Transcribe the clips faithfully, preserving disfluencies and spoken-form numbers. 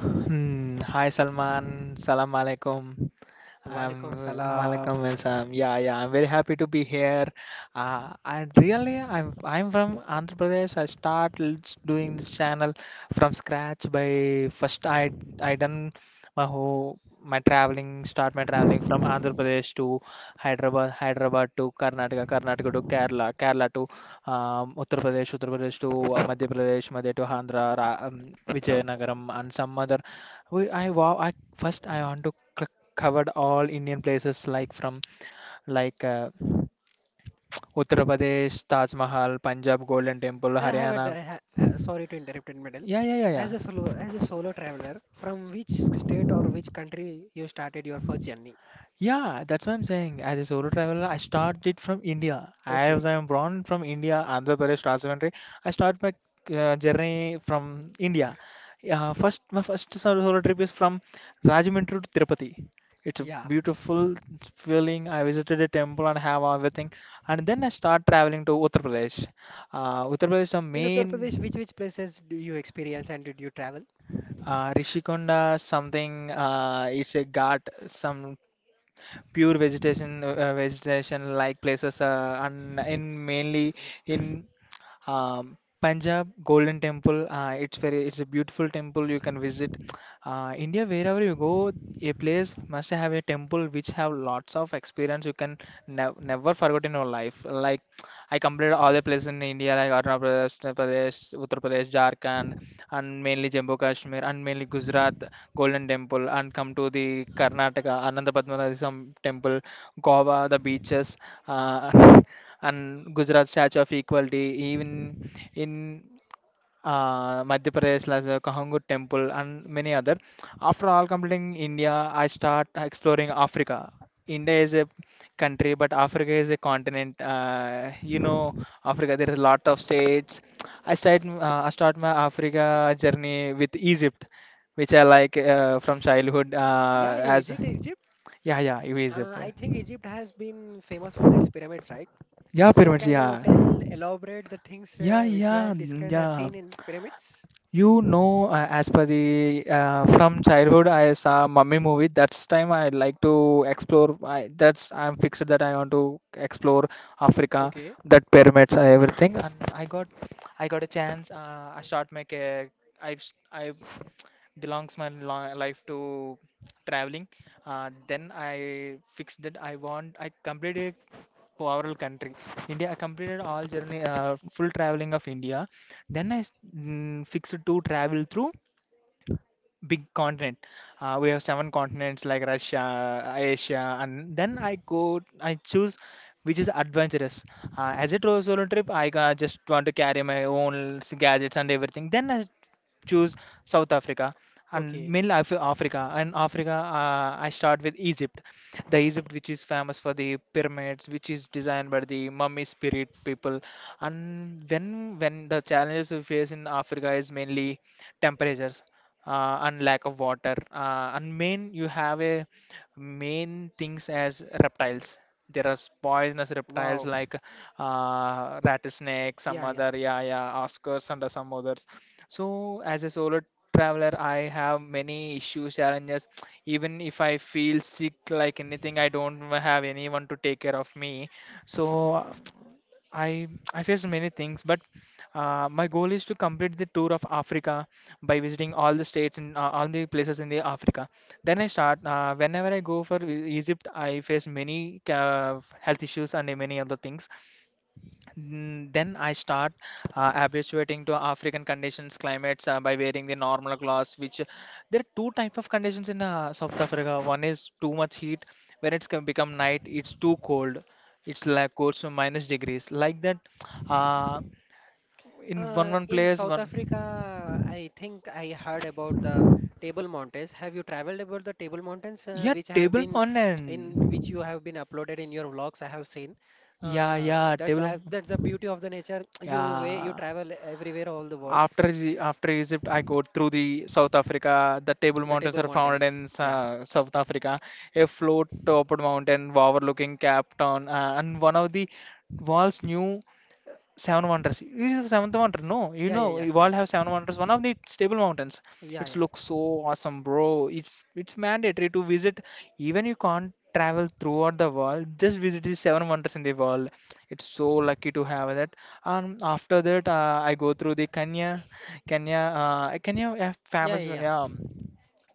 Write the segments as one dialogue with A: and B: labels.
A: Hm, Hai Salman, Assalamualaikum. I'm Malcolm and Sam. Yeah, yeah. I'm very happy to be here. Uh, and really, I'm I'm from Andhra Pradesh. I started doing this channel from scratch by first I I done my whole my traveling start my traveling from Andhra Pradesh to Hyderabad, Hyderabad to Karnataka, Karnataka to Kerala, Kerala to um, Uttar Pradesh, Uttar Pradesh to uh, Madhya Pradesh, Madhya to Andhra, Ra- um, Vijayanagaram, and some other. We, I wow, I first I want to click covered all Indian places like from like uh, Uttar Pradesh, Taj Mahal, Punjab Golden Temple, Haryana. Yeah, yeah, yeah, yeah. Yeah, that's what I'm saying. As a solo traveler, I started from India. As I am born from India, Andhra Pradesh, Rajahmundry, I start my uh, journey from India. Uh, first, my first solo solo trip is from Rajahmundry to Tirupati. It's a beautiful feeling. I visited a temple and have everything, and then I start traveling to Uttar Pradesh. Uh, Uttar Pradesh, the main uh, Rishikonda, something. Uh, it's a ghat, some pure vegetation, uh, uh, vegetation like places, uh, and in mainly in um, Punjab Golden Temple. Uh, it's very, it's a beautiful temple you can visit. Uh, India, wherever you go, a place must have a temple which have lots of experience you can nev never forget in your life. Like I completed all the places in India, like Arunachal Pradesh, Maharashtra Pradesh, Uttar Pradesh, Jharkhand, and mainly Jammu Kashmir, and mainly Gujarat Golden Temple, and come to the Karnataka Ananda Padmanabhiswamy Temple, Goa the beaches, uh, and Gujarat Statue of Equality. Even in uh, Madhya Pradesh as a Kahangur temple and many other. After all completing India, I start exploring Africa. India is a country, but Africa is a continent. Uh, you know, Africa there are a lot of states. I start uh, I start my Africa journey with Egypt, which I like uh, from childhood. Uh, as yeah yeah Egypt. Yeah, pyramids, yeah, yeah, yeah, yeah. You know, uh, as per the uh, from childhood, I saw Mummy movie. That's time I like to explore. I, that's I'm fixed that I want to explore Africa, that pyramids, uh, everything. And I got, I got a chance. Uh, I shot my ca- I s- I belongs my li- life to traveling uh, then I fixed that I want I completed overall country india I completed all journey uh, full traveling of india then I s- mm, fixed to travel through big continent. Uh, we have seven continents like Russia, Asia, and then I go, I choose which is adventurous. Uh, as a tro- solo trip, I uh, just want to carry my own s- gadgets and everything. Then I choose South Africa and middle Af- Africa. And Africa, uh, I start with Egypt, the Egypt which is famous for the pyramids, which is designed by the mummy spirit people. And when when the challenges we face in Africa is mainly temperatures uh, and lack of water. Uh, and main, you have a main things as reptiles. There are poisonous reptiles like uh, rattlesnake, some other, yeah, yeah, oscars and some others. So as a solo traveler, I have many issues, challenges. Even if I feel sick, like anything, I don't have anyone to take care of me. So I I face many things, but uh, my goal is to complete the tour of Africa by visiting all the states and uh, all the places in the Africa. Then I start. Uh, whenever I go for E- Egypt, I face many uh, health issues and many other things. Mm, Then I start uh, habituating to African conditions, climates uh, by wearing the normal clothes. Which there are two type of conditions in uh, South Africa. One is too much heat, when it's can become night, it's too cold. It's like goes to minus degrees. Like that, uh, in one one place one. Yeah, table one and yeah, yeah, table, yeah. After Egy- after Egypt, I go through the South Africa. The Table Mountains are found in uh, South Africa. A float-topped mountain overlooking Cape Town, uh, and one of the world's new Seven Wonders. You see Seventh Wonder? No, you know, you all have Seven Wonders. One of the stable mountains. It looks so awesome, bro. It's it's mandatory to visit. Even you can't travel throughout the world. Just visit the Seven Wonders in the world. It's so lucky to have that. And after that, uh, I go through the Kenya, Kenya, uh, Kenya, yeah, famous, yeah.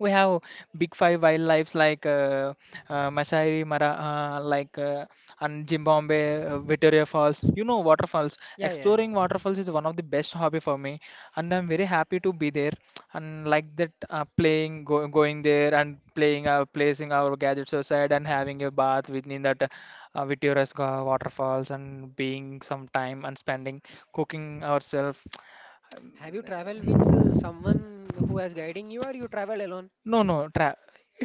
A: We have big five wildlife like uh, uh, Masai Mara, uh, like uh, and Zimbabwe, uh, Victoria Falls. You know, waterfalls. Exploring waterfalls is one of the best hobby for me, and I'm very happy to be there. And like that, uh, playing, go, going there and playing, uh, placing our gadgets aside and having a bath within that uh, Victoria's waterfalls and being some time and spending cooking ourselves. No, no, tra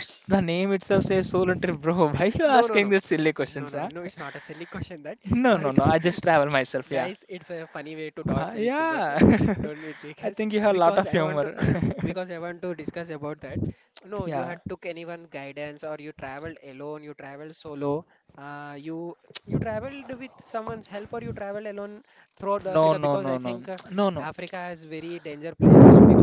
A: it's the name itself says solo trip, bro. Why you asking these silly questions, huh? No, no, no. I just travel myself, yeah. Wha- Yeah. I think you have a lot of humor. Yeah. No, no, no, no. No, no.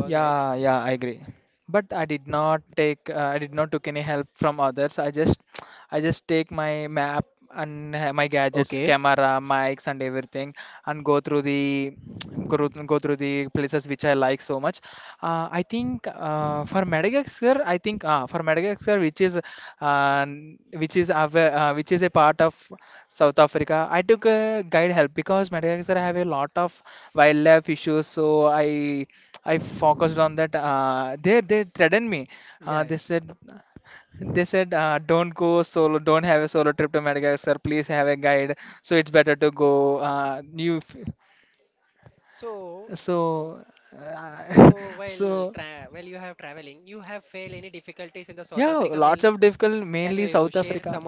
A: Yeah, yeah, I agree. But I did not take, uh, I did not took any help from others. I just, I just take my map and ha- my gadgets, camera, mics, and everything, and go through the, go, through- go through the places which I like so much. Uh, I think uh, for Madagascar, I think uh, for Madagascar, which is uh, which is av- uh, which is a part of South Africa, I took a guide help because Madagascar have a lot of wildlife issues. So I I focused on that. Uh, they they threatened me. Uh, they said they said uh, don't go solo, don't have a solo trip to Madagascar. Please have a guide. So it's better to go. Uh, you f- so uh, so yeah, lots of difficult, mainly South Africa.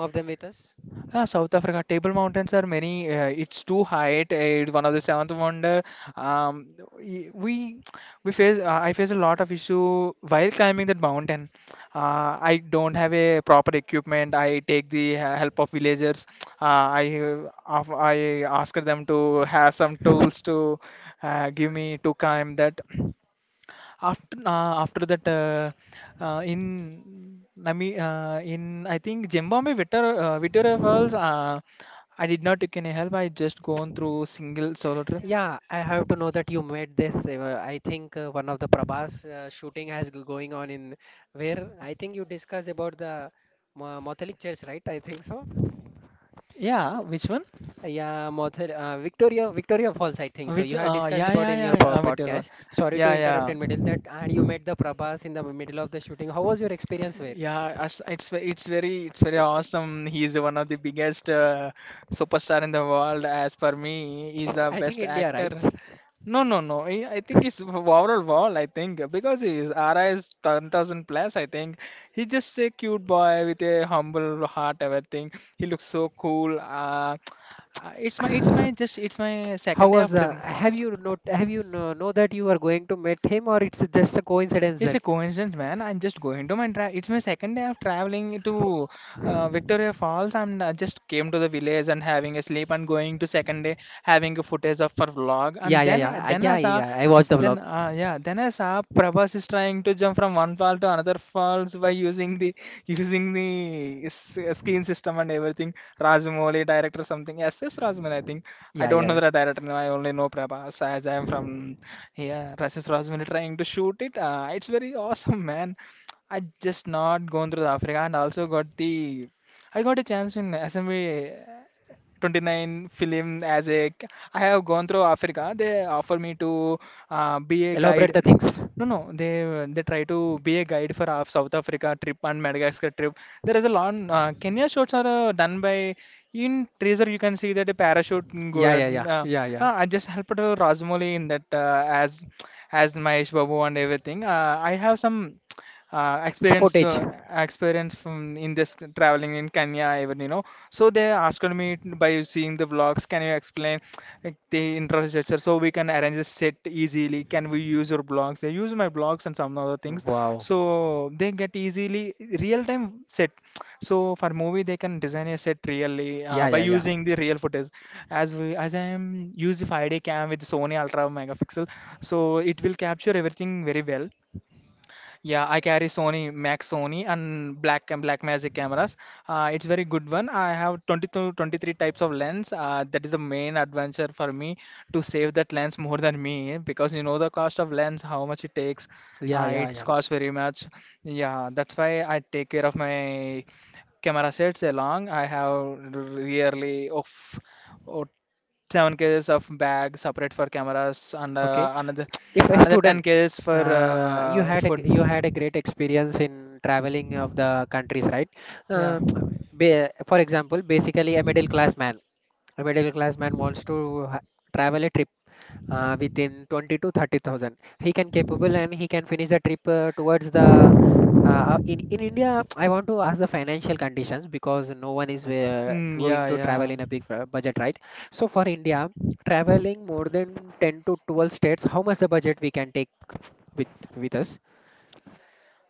A: Ah, South Africa, Table Mountains are many. Uh, it's too high. It's one of the seventh wonder. Um, y- we we face. Uh, I face a lot of issue while climbing that mountain. Uh, I don't have a proper equipment. I take the uh, help of villagers. Uh, I uh, of- I ask them to have some tools to uh, give me to climb that. After uh, after that, uh, uh, in Nami, uh, in I think Zimbabwe, Victor, uh, Victoria Falls, uh, I did not take any help. I just gone through single solo trip. Yeah, which one? Which? Uh, yeah, yeah, yeah, yeah. Uh, Victor, Falls, yeah, yeah, yeah. as- It's ve- it's very it's very awesome. He is one of the biggest uh, superstar in the world. As per me, he's a best actor. No, no, no. I I think it's overall wall. I think because his R I is ten thousand plus. I think he's just a cute boy with a humble heart. Everything. He looks so cool. Uh, uh, it's my, it's my, just it's my second day of trip. It's a coincidence, man. I'm just going to my tra It's my second day of traveling to uh, Victoria Falls, and I just came to the village and having a sleep and going to second day having a footage of for vlog. And then, I- then I saw, then uh, yeah, then I saw Prabhas is trying to jump from one fall to another falls by using the using the s- uh, skin system and everything. Rajamouli director something. S S Rajamouli, I think. I don't know the director. I only know Prabhas as I am from. Yeah, Rasis Rosmini trying to shoot it. Uh, it's very awesome, man. I just not gone through the Africa and also got the I got a chance in S M B twenty-nine film as a c- I have gone through Africa. They offer me to uh, be a guide. No, no, they they try to be a guide for our South Africa trip and Madagascar trip. There is a lot. Uh, Kenya shots are uh, done by in teaser. You can see that a parachute go. Uh, uh, I just helped uh, Rajmouli in that uh, as as Mahesh Babu and everything. Uh, I have some uh, experience the uh, experience from in this traveling in Kenya even you know So they asked me t- by seeing the vlogs, can you explain, like, the infrastructure, so we can arrange a set easily? Can we use your blogs? They use my blogs and some other things, so they get easily real time set. So for movie they can design a set really uh, by using the real footage, as we as I am use the five D cam with Sony Ultra megapixel, so it will capture everything very well. Yeah, I carry Sony, Max Sony, and Black and Black Magic cameras. Uh, it's very good one. I have twenty two, twenty three types of lens. Uh, that is the main adventure for me to save that lens more than me, because you know the cost of lens, how much it takes. Uh, it's cost very much. Yeah, that's why I take care of my camera sets along. I have really of, oh, seven kgs of bag separate for cameras, and uh, another another ten cases for uh, food. Yeah. Mm, yeah, yeah.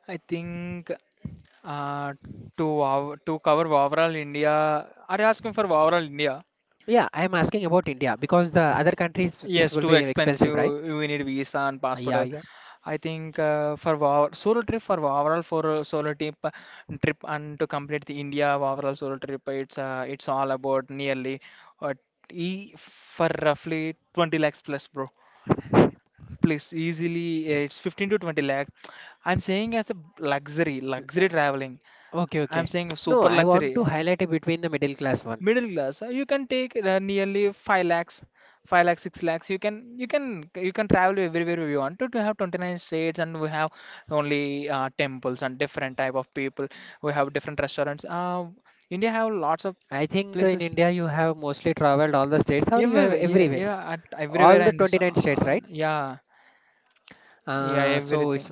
A: I think uh, to ov- to cover overall India. Are you asking for overall India? Yes, too expensive. We need visa and passport. uh, I think uh, for ov- solo trip for overall for uh, solo trip uh, trip and to complete the India overall solo trip, it's uh, it's all about nearly uh, e for roughly twenty lakhs plus, bro. Please, easily uh, it's fifteen to twenty lakh. I'm saying as a luxury, luxury traveling. I'm saying super luxury, uh, middle class. uh, You can take uh, nearly five lakhs, five lakhs, six lakhs. You can you can you can travel everywhere you want to. To have twenty-nine states, and we have only uh, temples and different type of people. We have different restaurants. Uh, India have lots of places everywhere. Yeah, yeah, at everywhere in this. Uh, uh, yeah, yeah, everything.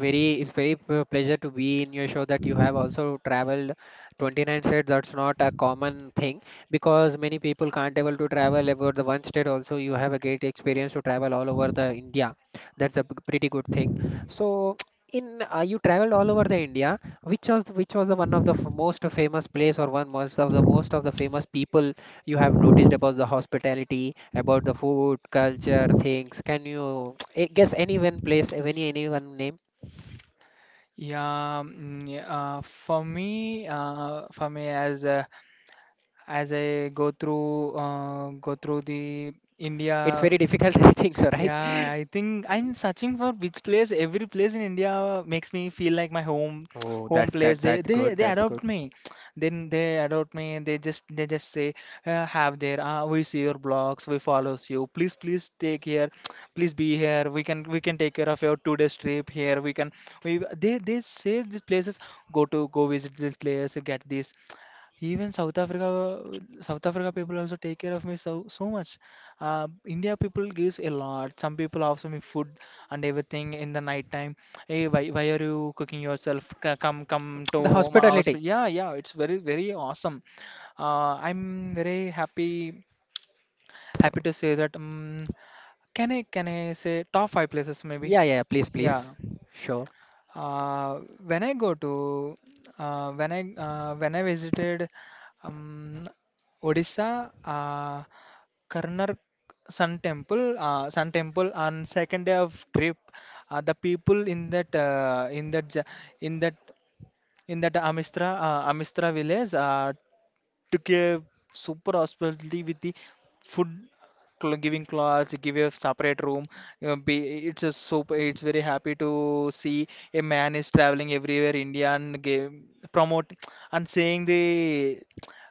A: Yeah, mm, yeah, uh, for me, uh, for me as uh, as I go through uh, go through the India. Yeah, I think I'm searching for which place. Every place in India makes me feel like my home home place. They they they adopt me. Then they adopt me. They just they just say uh, have there. Uh, we see your blogs. We follows you. Please please take here. Please be here. We can we can take care of your two days trip here. We can we they they say these places, go to go visit this place. Get this. Even South Africa, South Africa people also take care of me so so much. Uh, India people gives a lot. Some people offer me food and everything in the night time. Hey, why why are you cooking yourself? C- Come come to
B: The
A: my house.
B: hospitality.
A: Yeah, yeah, it's very very awesome. Uh, I'm very happy happy to say that. Um, can I can I say top five places, maybe?
B: Yeah, yeah, yeah, please, please.
A: Yeah.
B: Sure.
A: Uh, when I go to uh, when I uh, When I visited um, Odisha, uh, Karnar Sun Temple, uh, Sun Temple on second day of trip, uh, the people in that uh, in that ja- in that in that Amistra uh, Amistra village uh, took a super hospitality with the food, cl- giving class, give a separate room. uh, be- It's a super. It's very happy to see a man is traveling everywhere India and game, promote and saying the.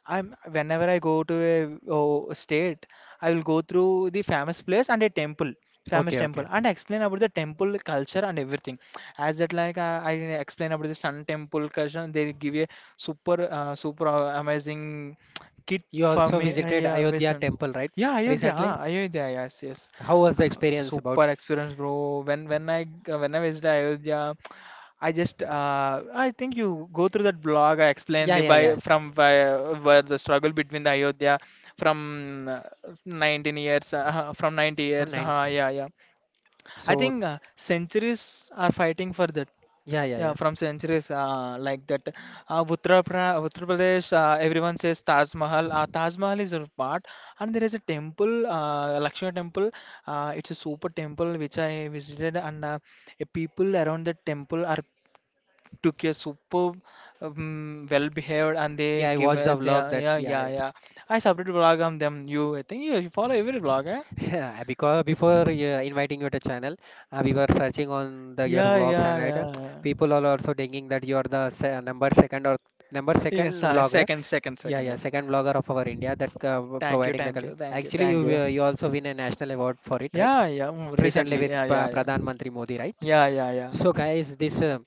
A: I'm Whenever I go to a, oh, state, I will go through the famous place and a temple, famous
B: Okay, okay.
A: temple, and explain about the temple culture and everything. As that, like uh, I explain about the Sun Temple culture, they give a super, uh, super uh, amazing kit
B: You
A: for
B: also
A: me. Uh,
B: visited
A: yeah,
B: Ayodhya
A: Vaishnav.
B: temple, right?
A: Yeah, Ayodhya,
B: Recently?
A: ah, Ayodhya, yes, yes.
B: How was the
A: Uh,
B: experience about?
A: super experience, bro. When when I uh, when I visited Ayodhya, I just uh, I think you go through that blog. I explained
B: Yeah,
A: the
B: yeah,
A: why
B: yeah.
A: from why, where the struggle between the Ayodhya from uh, nineteen years uh, from ninety
B: On
A: years.
B: nine,
A: Uh, yeah, yeah. I
B: so,
A: think uh, centuries are fighting for that.
B: yeah, yeah,
A: Yeah,
B: yeah.
A: from centuries uh, like that. Uh, Uttar, pra Uttar Pradesh, uh, everyone says Taj Mahal. Uh, Taj Mahal is a part, and there is a temple, uh, Lakshmi temple. Uh, it's a super temple which I visited, and uh, uh, people around the temple are took a super, um, well behaved, and they
B: Yeah, I
A: give
B: watched
A: uh,
B: the
A: they
B: vlog
A: are-
B: that,
A: yeah
B: yeah,
A: yeah
B: yeah.
A: yeah. I separate vlog on them. You I think you, you follow every vlog, eh?
B: Yeah, because before uh, inviting you to channel, uh, we were searching on the your
A: Yeah
B: vlogs and
A: yeah
B: right, uh,
A: yeah, yeah.
B: people are also thinking that you are the se number second or number
A: Yes,
B: second
A: uh,
B: vlogger.
A: second second
B: Yeah,
A: second,
B: yeah,
A: yeah.
B: second vlogger of our India that uh,
A: Thank you,
B: providing the
A: thank
B: culture.
A: you, thank you,
B: Actually, you
A: thank you.
B: uh, you also win a national award for it, right?
A: Yeah, yeah, mm,
B: Recently
A: recently.
B: with
A: Yeah, yeah,
B: Pa-
A: yeah.
B: Pradhan Mantri Modi, right?
A: Yeah, yeah, yeah.
B: So, guys, this uh,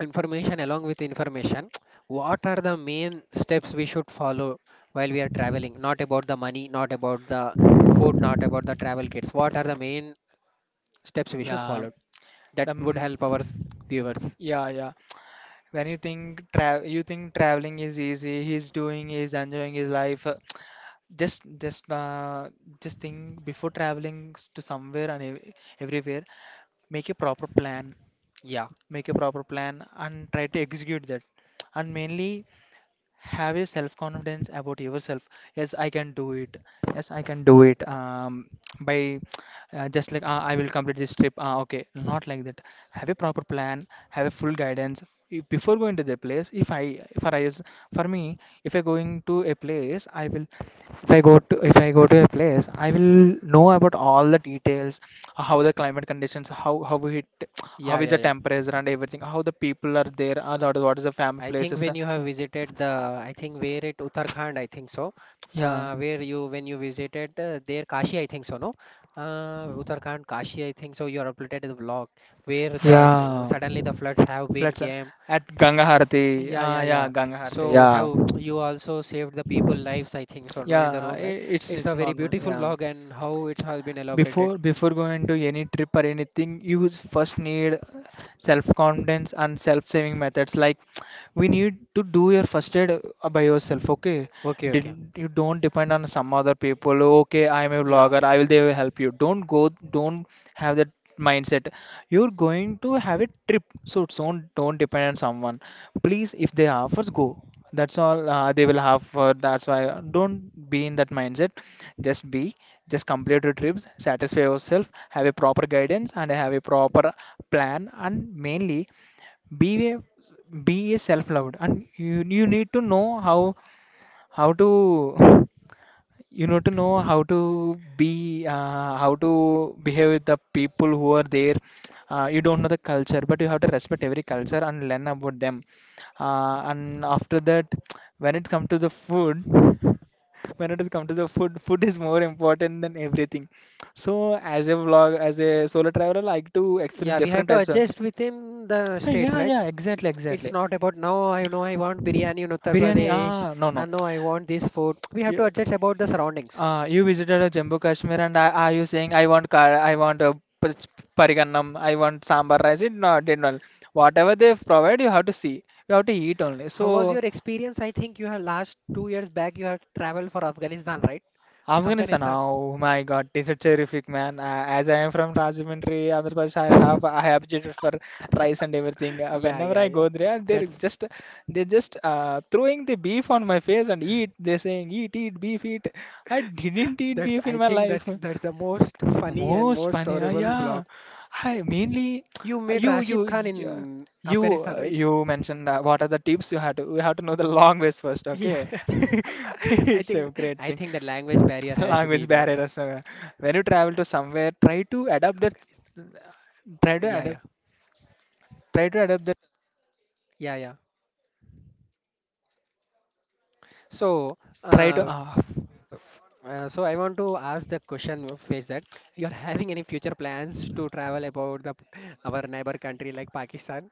B: information along with information, what are the main steps we should follow while we are traveling? Not about the money, not about the food, not about the travel kits. What are the main steps we should
A: Yeah.
B: follow that would
A: Um,
B: help our s- viewers?
A: yeah, yeah. When you think tra you think traveling is easy. He's doing, he's enjoying his life. uh, Just, just, uh, just think before traveling s- to somewhere and ev everywhere. Make a proper plan.
B: Yeah,
A: Make a proper plan and try to execute that. And mainly have a self confidence about yourself. Yes, I can do it. Yes, I can do it. Um, by uh, just like uh, I will complete this trip, uh, okay, not like that. Have a proper plan. Have a full guidance. If- before going to the place, if I for I is for me, if I going to a place, I will, if i go to if I go to a place, I will know about all the details, how the climate conditions, how how it, how
B: yeah,
A: is
B: yeah,
A: the
B: yeah.
A: temperature and everything, how the people are there, uh, what what is the family
B: I think
A: places,
B: when
A: uh,
B: you have visited the, I think where it Uttarakhand, I think so,
A: yeah.
B: uh, where you when you visited uh, there Kashi, I think so, no, uh, Uttarakhand, Kashi, I think so. You are uploaded the vlog where the s-
A: Yeah,
B: suddenly the floods have been
A: flats uh,
B: came.
A: at Ganga Harati.
B: Yeah,
A: Ah,
B: yeah,
A: yeah,
B: yeah.
A: Ganga Harati.
B: So
A: Yeah,
B: how you also saved the people lives, I think so, no, in the
A: yeah, i-
B: room, right?
A: it's
B: It's
A: it's
B: a very
A: normal.
B: beautiful
A: Yeah.
B: vlog and how it has been elaborated.
A: Before before going to any trip or anything, you s- first need self-confidence and self-saving methods. Like, we need to do your first aid uh, by yourself. Okay,
B: Okay,
A: did,
B: okay.
A: you don't depend on some other people. Okay, I'm a
B: Yeah,
A: vlogger. I will They will help you. Don't go. Don't have that mindset. You're going to have a trip, so don't don't depend on someone. Please, if they offers, go. That's all uh, they will have for. That's why uh, don't be in that mindset. Just be, just complete your trips, satisfy yourself, have a proper guidance, and have a proper plan, and mainly be a be a self-loved. And you you need to know how how to, you know to know how to be, uh, how to behave with the people who are there. Uh, you don't know the culture, but you have to respect every culture and learn about them, uh, and after that, when it comes to the food, when it comes to the food food is more important than everything. So as a vlog as a solo traveler, I like to experience
B: yeah. We have
A: different
B: to
A: types of.
B: adjust within the
A: Ah,
B: states,
A: yeah
B: right?
A: yeah, exactly
B: It's
A: exactly.
B: not about now I know I want biryani in Uttar
A: Biryani,
B: Pradesh
A: ah, no,
B: and now I want this food. We have to
A: no.
B: adjust about the surroundings.
A: Uh, you visited uh, Jammu Kashmir, and are, are you saying I want kar I want uh, p- parigannam, I want sambar rice? It, no, did not. Whatever they provide, you have to see. You have to eat only.
B: How was
A: So,
B: your experience? I think you have last two years back you have traveled for Afghanistan, right?
A: Afghanistan,
B: Afghanistan.
A: oh my God, it's a terrific man. Uh, as I am from Rajahmundry, Andhra Pradesh, I have I have habituated for rice and everything. Uh,
B: Yeah,
A: whenever
B: yeah,
A: I go
B: yeah.
A: there, they're
B: That's
A: just they just uh, throwing the beef on my face and eat. They're saying, eat, eat beef, eat. I didn't eat
B: that's
A: beef in
B: I
A: my
B: think
A: life.
B: that's that's the most funny and
A: Most
B: most
A: funny, uh,
B: horrible
A: yeah.
B: vlog.
A: I mainly
B: You made
A: you
B: Rashid
A: you
B: Khan
A: you
B: in
A: you,
B: Afghanistan,
A: uh,
B: right?
A: You mentioned uh, what are the tips, you have to you have to know the language first,
B: Yeah.
A: okay?
B: I
A: It's
B: think
A: a great
B: I
A: thing.
B: think the language barrier has to
A: Language
B: be there.
A: barriers. uh, When you travel to somewhere, try to adapt that.
B: Afghanistan.
A: Try to
B: Yeah, yeah.
A: adapt. Try to adapt that.
B: Yeah, yeah. So,
A: Try to.
B: uh,
A: Uh,
B: uh, so I want to ask the question uh, face that you're having any future plans to travel about the our neighbor country like Pakistan?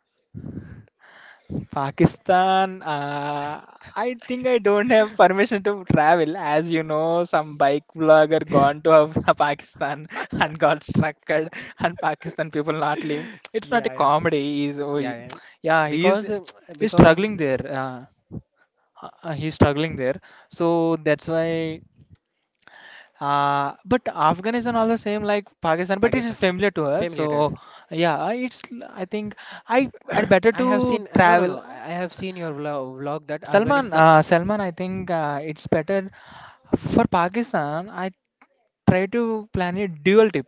A: Pakistan, uh, I think I don't have permission to travel. As you know, some bike vlogger gone to Pakistan and got struck, and Pakistan people not leaving. It's not a
B: Yeah, yeah.
A: comedy. He's, oh,
B: Yeah,
A: y-
B: yeah.
A: yeah, he's
B: Because uh,
A: he's
B: because
A: struggling there. Uh, uh, he's struggling there. So that's why. Uh, but Afghanistan also same like Pakistan, but it is
B: Pakistan
A: familiar to us.
B: family it
A: So
B: is.
A: yeah, it's I think I i better
B: I have
A: to
B: seen uh, no no
A: travel.
B: no. I have seen your vlog, vlog that
A: Salman,
B: Afghanistan.
A: uh, Salman, I think uh, it's better for Pakistan. I try to plan a dual trip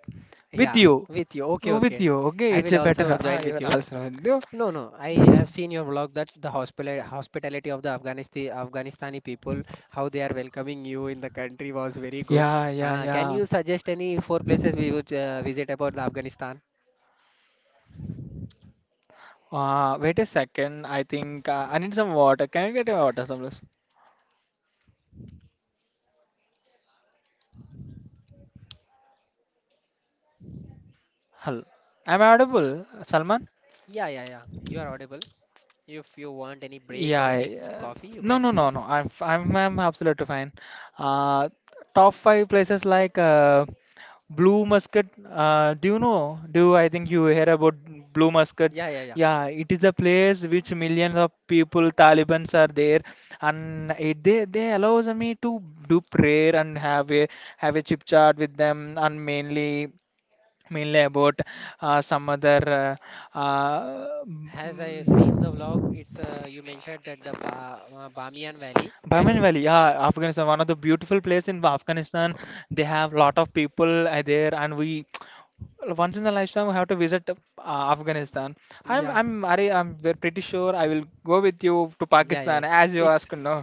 A: with
B: Yeah,
A: you.
B: with you. Okay,
A: Oh, with
B: okay.
A: you. Okay,
B: I
A: it's
B: will
A: a
B: also
A: better. Ah,
B: join
A: you
B: with
A: will
B: you.
A: also do.
B: No, no. I have seen your vlog that the hospital hospitality of the Afghanistan Afghanistani people, how they are welcoming you in the country was very good.
A: Yeah, yeah,
B: Uh, can
A: yeah.
B: you suggest any four places we would uh, visit about the Afghanistan?
A: Uh, wait a second. I think uh, I need some water. Can you get a water, please? Hello. I'm audible, Salman.
B: Yeah, yeah, yeah. You are audible. If you want any break
A: Yeah.
B: or any
A: I- uh,
B: coffee, you
A: No, no,
B: can
A: no, no.
B: please.
A: I'm f- I'm I'm absolutely fine. Uh, Top five places, like uh, Blue musket, uh, do you know? Do I think you hear about blue musket?
B: Yeah, yeah, yeah.
A: Yeah, it is a place which millions of people, Talibans are there, and it, they they allows me to do prayer and have a have a chip chat with them, and mainly mainly about uh, some other uh, uh,
B: As I seen the vlog, it's uh, you mentioned that the ba uh, Bamiyan Valley. Can
A: Bahman
B: you?
A: Valley, yeah, Afghanistan, one of the beautiful place in Afghanistan. They have lot of people uh, there, and we once in a lifetime we have to visit uh, Afghanistan. I'm
B: Yeah,
A: I'm Ari, I'm ve- pretty sure I will go with you to
B: yeah, yeah.
A: Pakistan as you
B: It's
A: asked. No,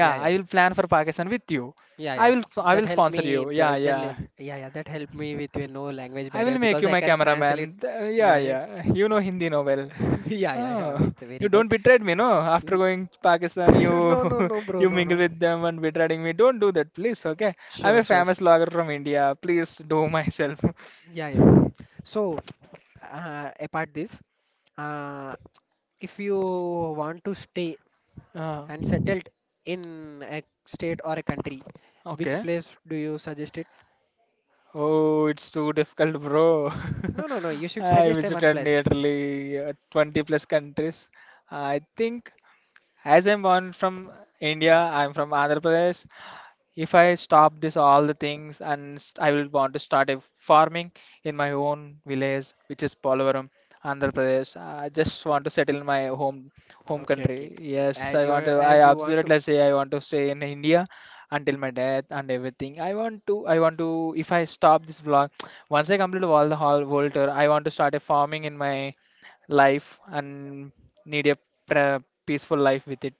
B: yeah, yeah.
A: I will plan for Pakistan with you.
B: Yeah,
A: I
B: yeah.
A: will I
B: That
A: will
B: helped
A: sponsor
B: me.
A: you. Yeah,
B: The, that
A: yeah.
B: li- yeah, yeah. That helped me with you know language
A: I
B: barrier
A: will make
B: because
A: you
B: I
A: my
B: can
A: cameraman.
B: translate.
A: Th- Yeah,
B: Yeah, yeah,
A: yeah. You know Hindi no well.
B: yeah, yeah, yeah,
A: Oh,
B: with
A: you
B: very good.
A: don't betrayed me, no? After
B: N-
A: going to Pakistan, you
B: No, no, no, bro.
A: you
B: No,
A: mingle
B: no.
A: with them and betraying me. Don't do that, please. Okay? I'm
B: Sure,
A: a
B: sure.
A: famous logger from India. Please do myself.
B: Yeah, yeah, yeah. So, uh, apart this, uh, if you want to stay
A: Uh,
B: and settled in a state or a country, which
A: okay.
B: place do you suggest it?
A: Oh, it's too difficult, bro.
B: No, no, no. You should
A: I
B: suggest a one
A: visited
B: place.
A: nearly uh, twenty plus countries. I think as I'm born from India, I'm from Andhra Pradesh. If I stop this all the things and st- I will want to start a farming in my own village, which is Polavaram, Andhra Pradesh. I just want to settle in my home home
B: Okay,
A: country.
B: okay.
A: Yes,
B: As
A: I
B: your
A: want to. I
B: as you want to.
A: absolutely say I want to stay in India until my death and everything. I want to. I want to. If I stop this vlog, once I complete all the whole world tour, I want to start a farming in my life and need a pre- peaceful life with it.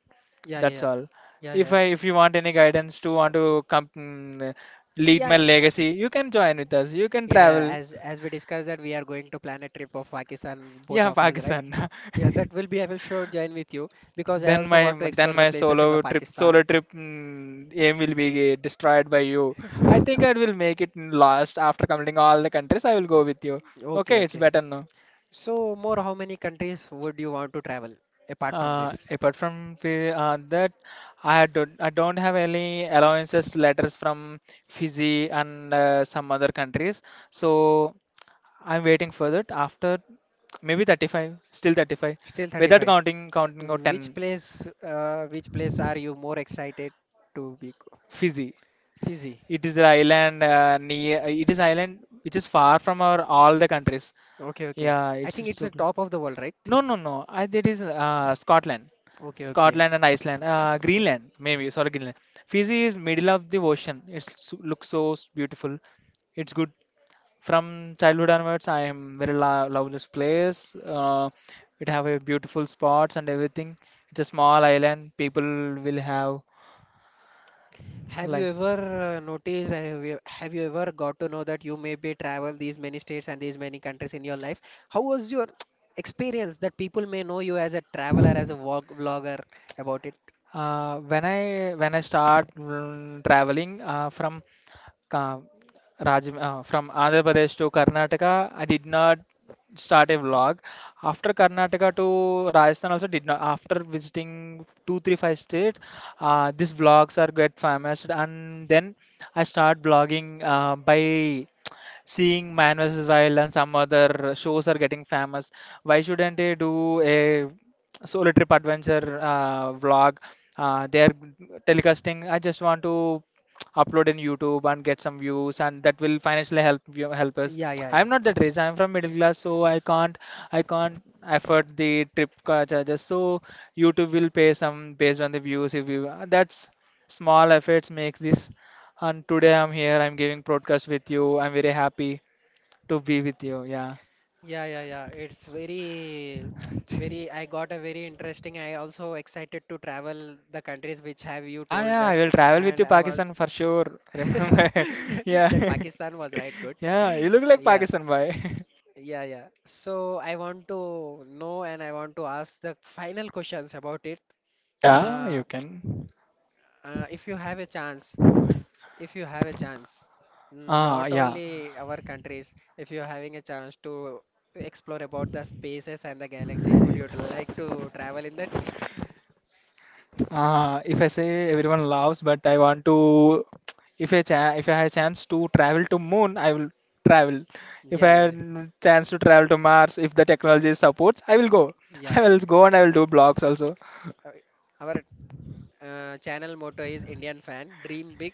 B: Yeah, yeah,
A: That's
B: yeah,
A: all.
B: yeah,
A: If
B: yeah,
A: I if you want any guidance to want to come mm, lead
B: yeah.
A: my
B: Yeah,
A: legacy, you can join with us. You can
B: yeah, yeah,
A: travel.
B: As as we discussed that we are going to plan a trip of Pakistan, both
A: Yeah,
B: of us, right?
A: Pakistan.
B: Yeah, that will be. I will sure join with you because I
A: Then
B: also
A: my
B: want to explore
A: then
B: the
A: my
B: places in the
A: solo trip solo
B: Pakistan.
A: trip mm, aim will be destroyed by you. I think I will make it in last after completing all the countries. I will go with you.
B: Okay,
A: Okay, it's
B: okay.
A: better now.
B: So more, how many countries would you want to travel apart from
A: Uh,
B: this?
A: apart from fi- uh, that, I don't I don't have any allowances letters from Fiji and uh, some other countries. So. I'm waiting for that after maybe thirty-five, still thirty-five,
B: Still
A: without
B: thirty-five.
A: counting counting or
B: Which
A: ten.
B: place, uh, which place are you more excited to be? go-
A: Fiji.
B: Fiji.
A: It is the island uh, near. uh, It is island which is far from our all the countries.
B: Okay, okay.
A: Yeah,
B: I
A: it's
B: think
A: it's
B: it's
A: so.
B: the
A: cl-
B: top of the world, right?
A: No, no, no. I That is uh, Scotland,
B: Okay, okay.
A: Scotland and Iceland, uh, Greenland maybe. Sorry, Greenland. Fiji is middle of the ocean. It's so- looks so s- beautiful. It's good. From childhood onwards, I am very lo love this place. Uh, it have a beautiful spots and everything. It's a small island. People will have
B: Have you
A: like
B: ever uh, noticed, and have you, have you ever got to know that you maybe travel these many states and these many countries in your life? How was your experience that people may know you as a traveler, as a vlog, vlogger about it?
A: uh, when I when I start mm, traveling uh, from Ka- Raj, uh, from Andhra Pradesh to Karnataka, I did not start a vlog. After Karnataka to Rajasthan, also did not. After visiting two, three, five states, uh, these vlogs are get famous, and then I start vlogging uh, by seeing Man vs Wild and some other shows are getting famous. Why shouldn't I do a solo trip adventure uh, vlog? Uh, they are telecasting. I just want to upload in YouTube and get some views, and that will financially help you help us.
B: Yeah, yeah,
A: I am not
B: yeah.
A: that rich. I am from middle class, so I can't I can't afford the trip car charges. So YouTube will pay some based on the views. If you uh, That's small efforts makes this. And today I'm here. I'm giving broadcast with you. I'm very happy to be with you. Yeah.
B: Yeah, yeah, yeah. It's very, very. I got a very interesting. I also excited to travel the countries which have you
A: Yeah,
B: told
A: yeah,
B: that,
A: I will travel with
B: and
A: you,
B: I've al
A: Pakistan for sure. Remember? Yeah,
B: that Pakistan was right good.
A: yeah, you look like
B: Yeah,
A: Pakistan boy.
B: yeah, yeah. So I want to know and I want to ask the final questions about it.
A: Yeah,
B: Uh,
A: you can.
B: uh, if you have a chance, if you have a chance,
A: Ah,
B: not
A: yeah.
B: only our countries, if you're having a chance to explore about the spaces and the galaxies, would you like to travel in that?
A: Uh, if I say everyone loves, but I want to, if I cha if I have chance to travel to moon, I will travel. If I
B: Yeah,
A: have
B: yeah,
A: chance to travel to Mars, if the technology supports, I will go.
B: yeah,
A: I
B: yeah.
A: will go and I will do blogs also.
B: Uh, Our uh, channel motto is Indian fan, dream big,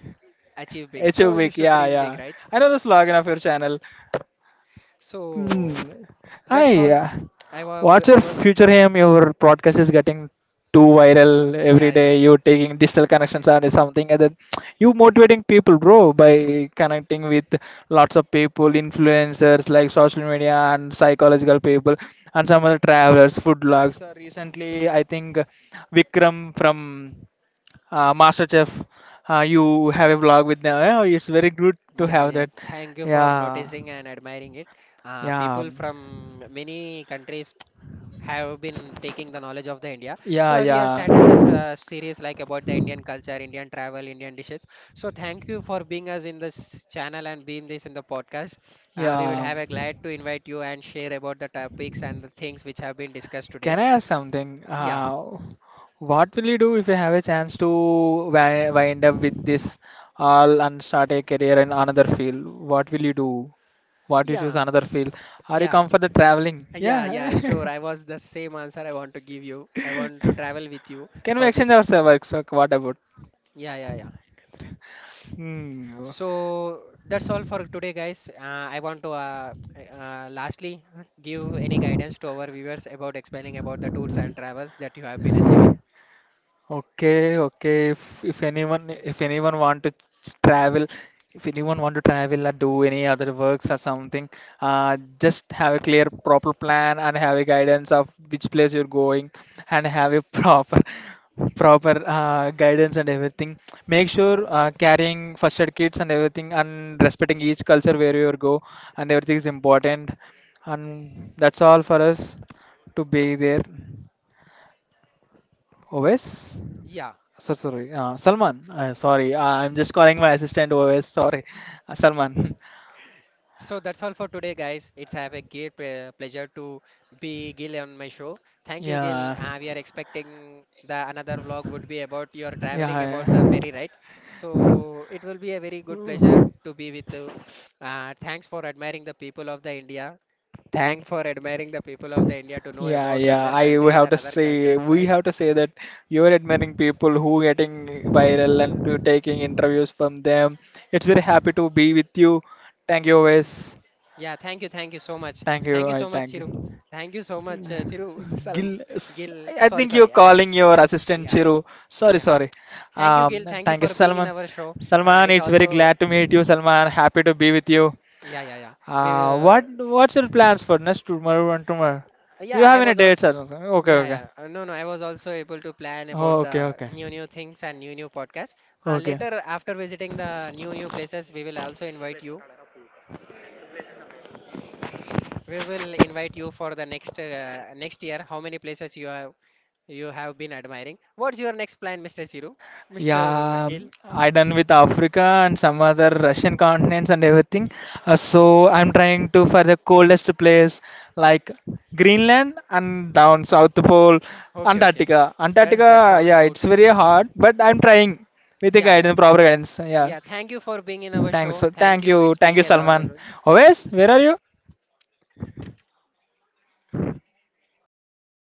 B: achieve big.
A: H U
B: So you
A: Week,
B: should
A: yeah,
B: dream
A: yeah.
B: big, right?
A: I know the
B: S-
A: slogan of your channel. Hmm.
B: So
A: Ah,
B: that's all.
A: yeah.
B: I was,
A: What's
B: I
A: your
B: was,
A: future aim? Your podcast is getting too viral
B: yeah,
A: every
B: yeah.
A: day. You're taking digital connections and something other. You motivating people, bro, by connecting with lots of people, influencers like social media and psychological people, and some other travelers, food blogs. Uh, Recently, I think Vikram from uh, MasterChef, uh, you have a vlog with them. Yeah, it's very good to
B: Yeah,
A: have
B: yeah.
A: that.
B: Thank you for
A: Yeah,
B: noticing and admiring it. Uh,
A: yeah,
B: people from many countries have been taking the knowledge of the India. So
A: yeah,
B: uh, we have
A: yeah,
B: started this uh, series like about the Indian culture, Indian travel, Indian dishes. So thank you for being us in this channel and being this in the podcast. Uh, we would
A: yeah.
B: have a glad to invite you and share about the topics and the things which have been discussed today.
A: Can I ask something?
B: Yeah,
A: Uh, what will you do if you have a chance to wi- wind up with this all and start a career in another field? What will you do? What you choose
B: yeah,
A: another field? Are you
B: yeah.
A: come for the traveling?
B: Uh, yeah, yeah,
A: Yeah.
B: sure. I was the same answer I want to give you. I want to travel with you
A: Can we
B: for
A: exchange
B: this.
A: our work? So what about?
B: Yeah, yeah, yeah.
A: Hmm.
B: So that's all for today, guys. Uh, I want to uh, uh, lastly uh, give any guidance to our viewers about explaining about the tours and travels that you have been achieving.
A: Okay, okay. If, if anyone if anyone want to travel, if anyone want to travel or do any other works or something, uh, just have a clear proper plan and have a guidance of which place you're going and have a proper proper uh, guidance and everything. Make sure uh, carrying first aid kits and everything and respecting each culture where you go and everything is important. And that's all for us to be there. Always.
B: Yeah,
A: So sorry, uh, Salman. Uh, sorry, uh, I'm just calling my assistant O S. Sorry, uh, Salman.
B: so that's all for today, guys. It's have a great ple- pleasure to be Gil on my show. Thank you, Gil.
A: Yeah,
B: Uh, we are expecting the another vlog would be about your traveling
A: yeah,
B: about the ferry ride. So it will be a very good pleasure to be with you. Uh, thanks for admiring the people of the India. Thank for admiring the people of the India to know
A: yeah,
B: about the
A: yeah.
B: other
A: I we
B: countries
A: have
B: and
A: to
B: other
A: say
B: cultures,
A: we
B: right?
A: have to say that you're admiring people who getting viral and you taking interviews from them. It's very happy to be with you. Thank you, O S.
B: Yeah, thank you, thank you so much.
A: Thank you.
B: Thank you
A: I
B: so much,
A: thank
B: Chiru.
A: you.
B: Thank you so much, uh, Chiru.
A: Gil,
B: Salm,
A: s-
B: Gil.
A: I I
B: Sorry,
A: think you're
B: sorry. I,
A: calling your assistant
B: yeah, yeah,
A: Chiru. Sorry,
B: yeah.
A: sorry.
B: Thank you,
A: Um,
B: Gil. Thank you
A: Thank you,
B: for being in
A: Salman.
B: our show. Uh,
A: Salman,
B: it
A: it's very
B: also,
A: glad to meet you, Salman. Happy to be with you.
B: yeah, yeah, yeah. We,
A: Uh, what
B: uh,
A: what's your plans for next tomorrow and tomorrow? You
B: yeah,
A: have
B: I
A: any
B: was
A: dates?
B: also,
A: Or something? Okay,
B: yeah,
A: okay.
B: yeah. Uh, no, no, I was also able to plan
A: Oh,
B: about
A: okay,
B: the
A: okay,
B: new, new things and new, new podcast. Uh,
A: okay.
B: later, after visiting the new, new places, we will also invite you. We will invite you for the next, uh, next year. How many places you have, you have been admiring? What's your next plan, mister Chiru? mister
A: Yeah,
B: Gil?
A: I done with Africa and some other Russian continents and everything. Uh, so I'm trying to for the coldest place like Greenland and down South Pole,
B: Okay, okay.
A: Antarctica.
B: That's that
A: Antarctica,
B: sounds
A: yeah,
B: good.
A: it's very hard, but I'm trying with the
B: Yeah, yeah.
A: guidance, proper guidance. Yeah,
B: Yeah, thank you for being in our
A: thanks
B: show.
A: for
B: Thank
A: thank
B: you.
A: you,
B: It's
A: thank
B: being
A: you,
B: a lot.
A: Salman. Always, where are you?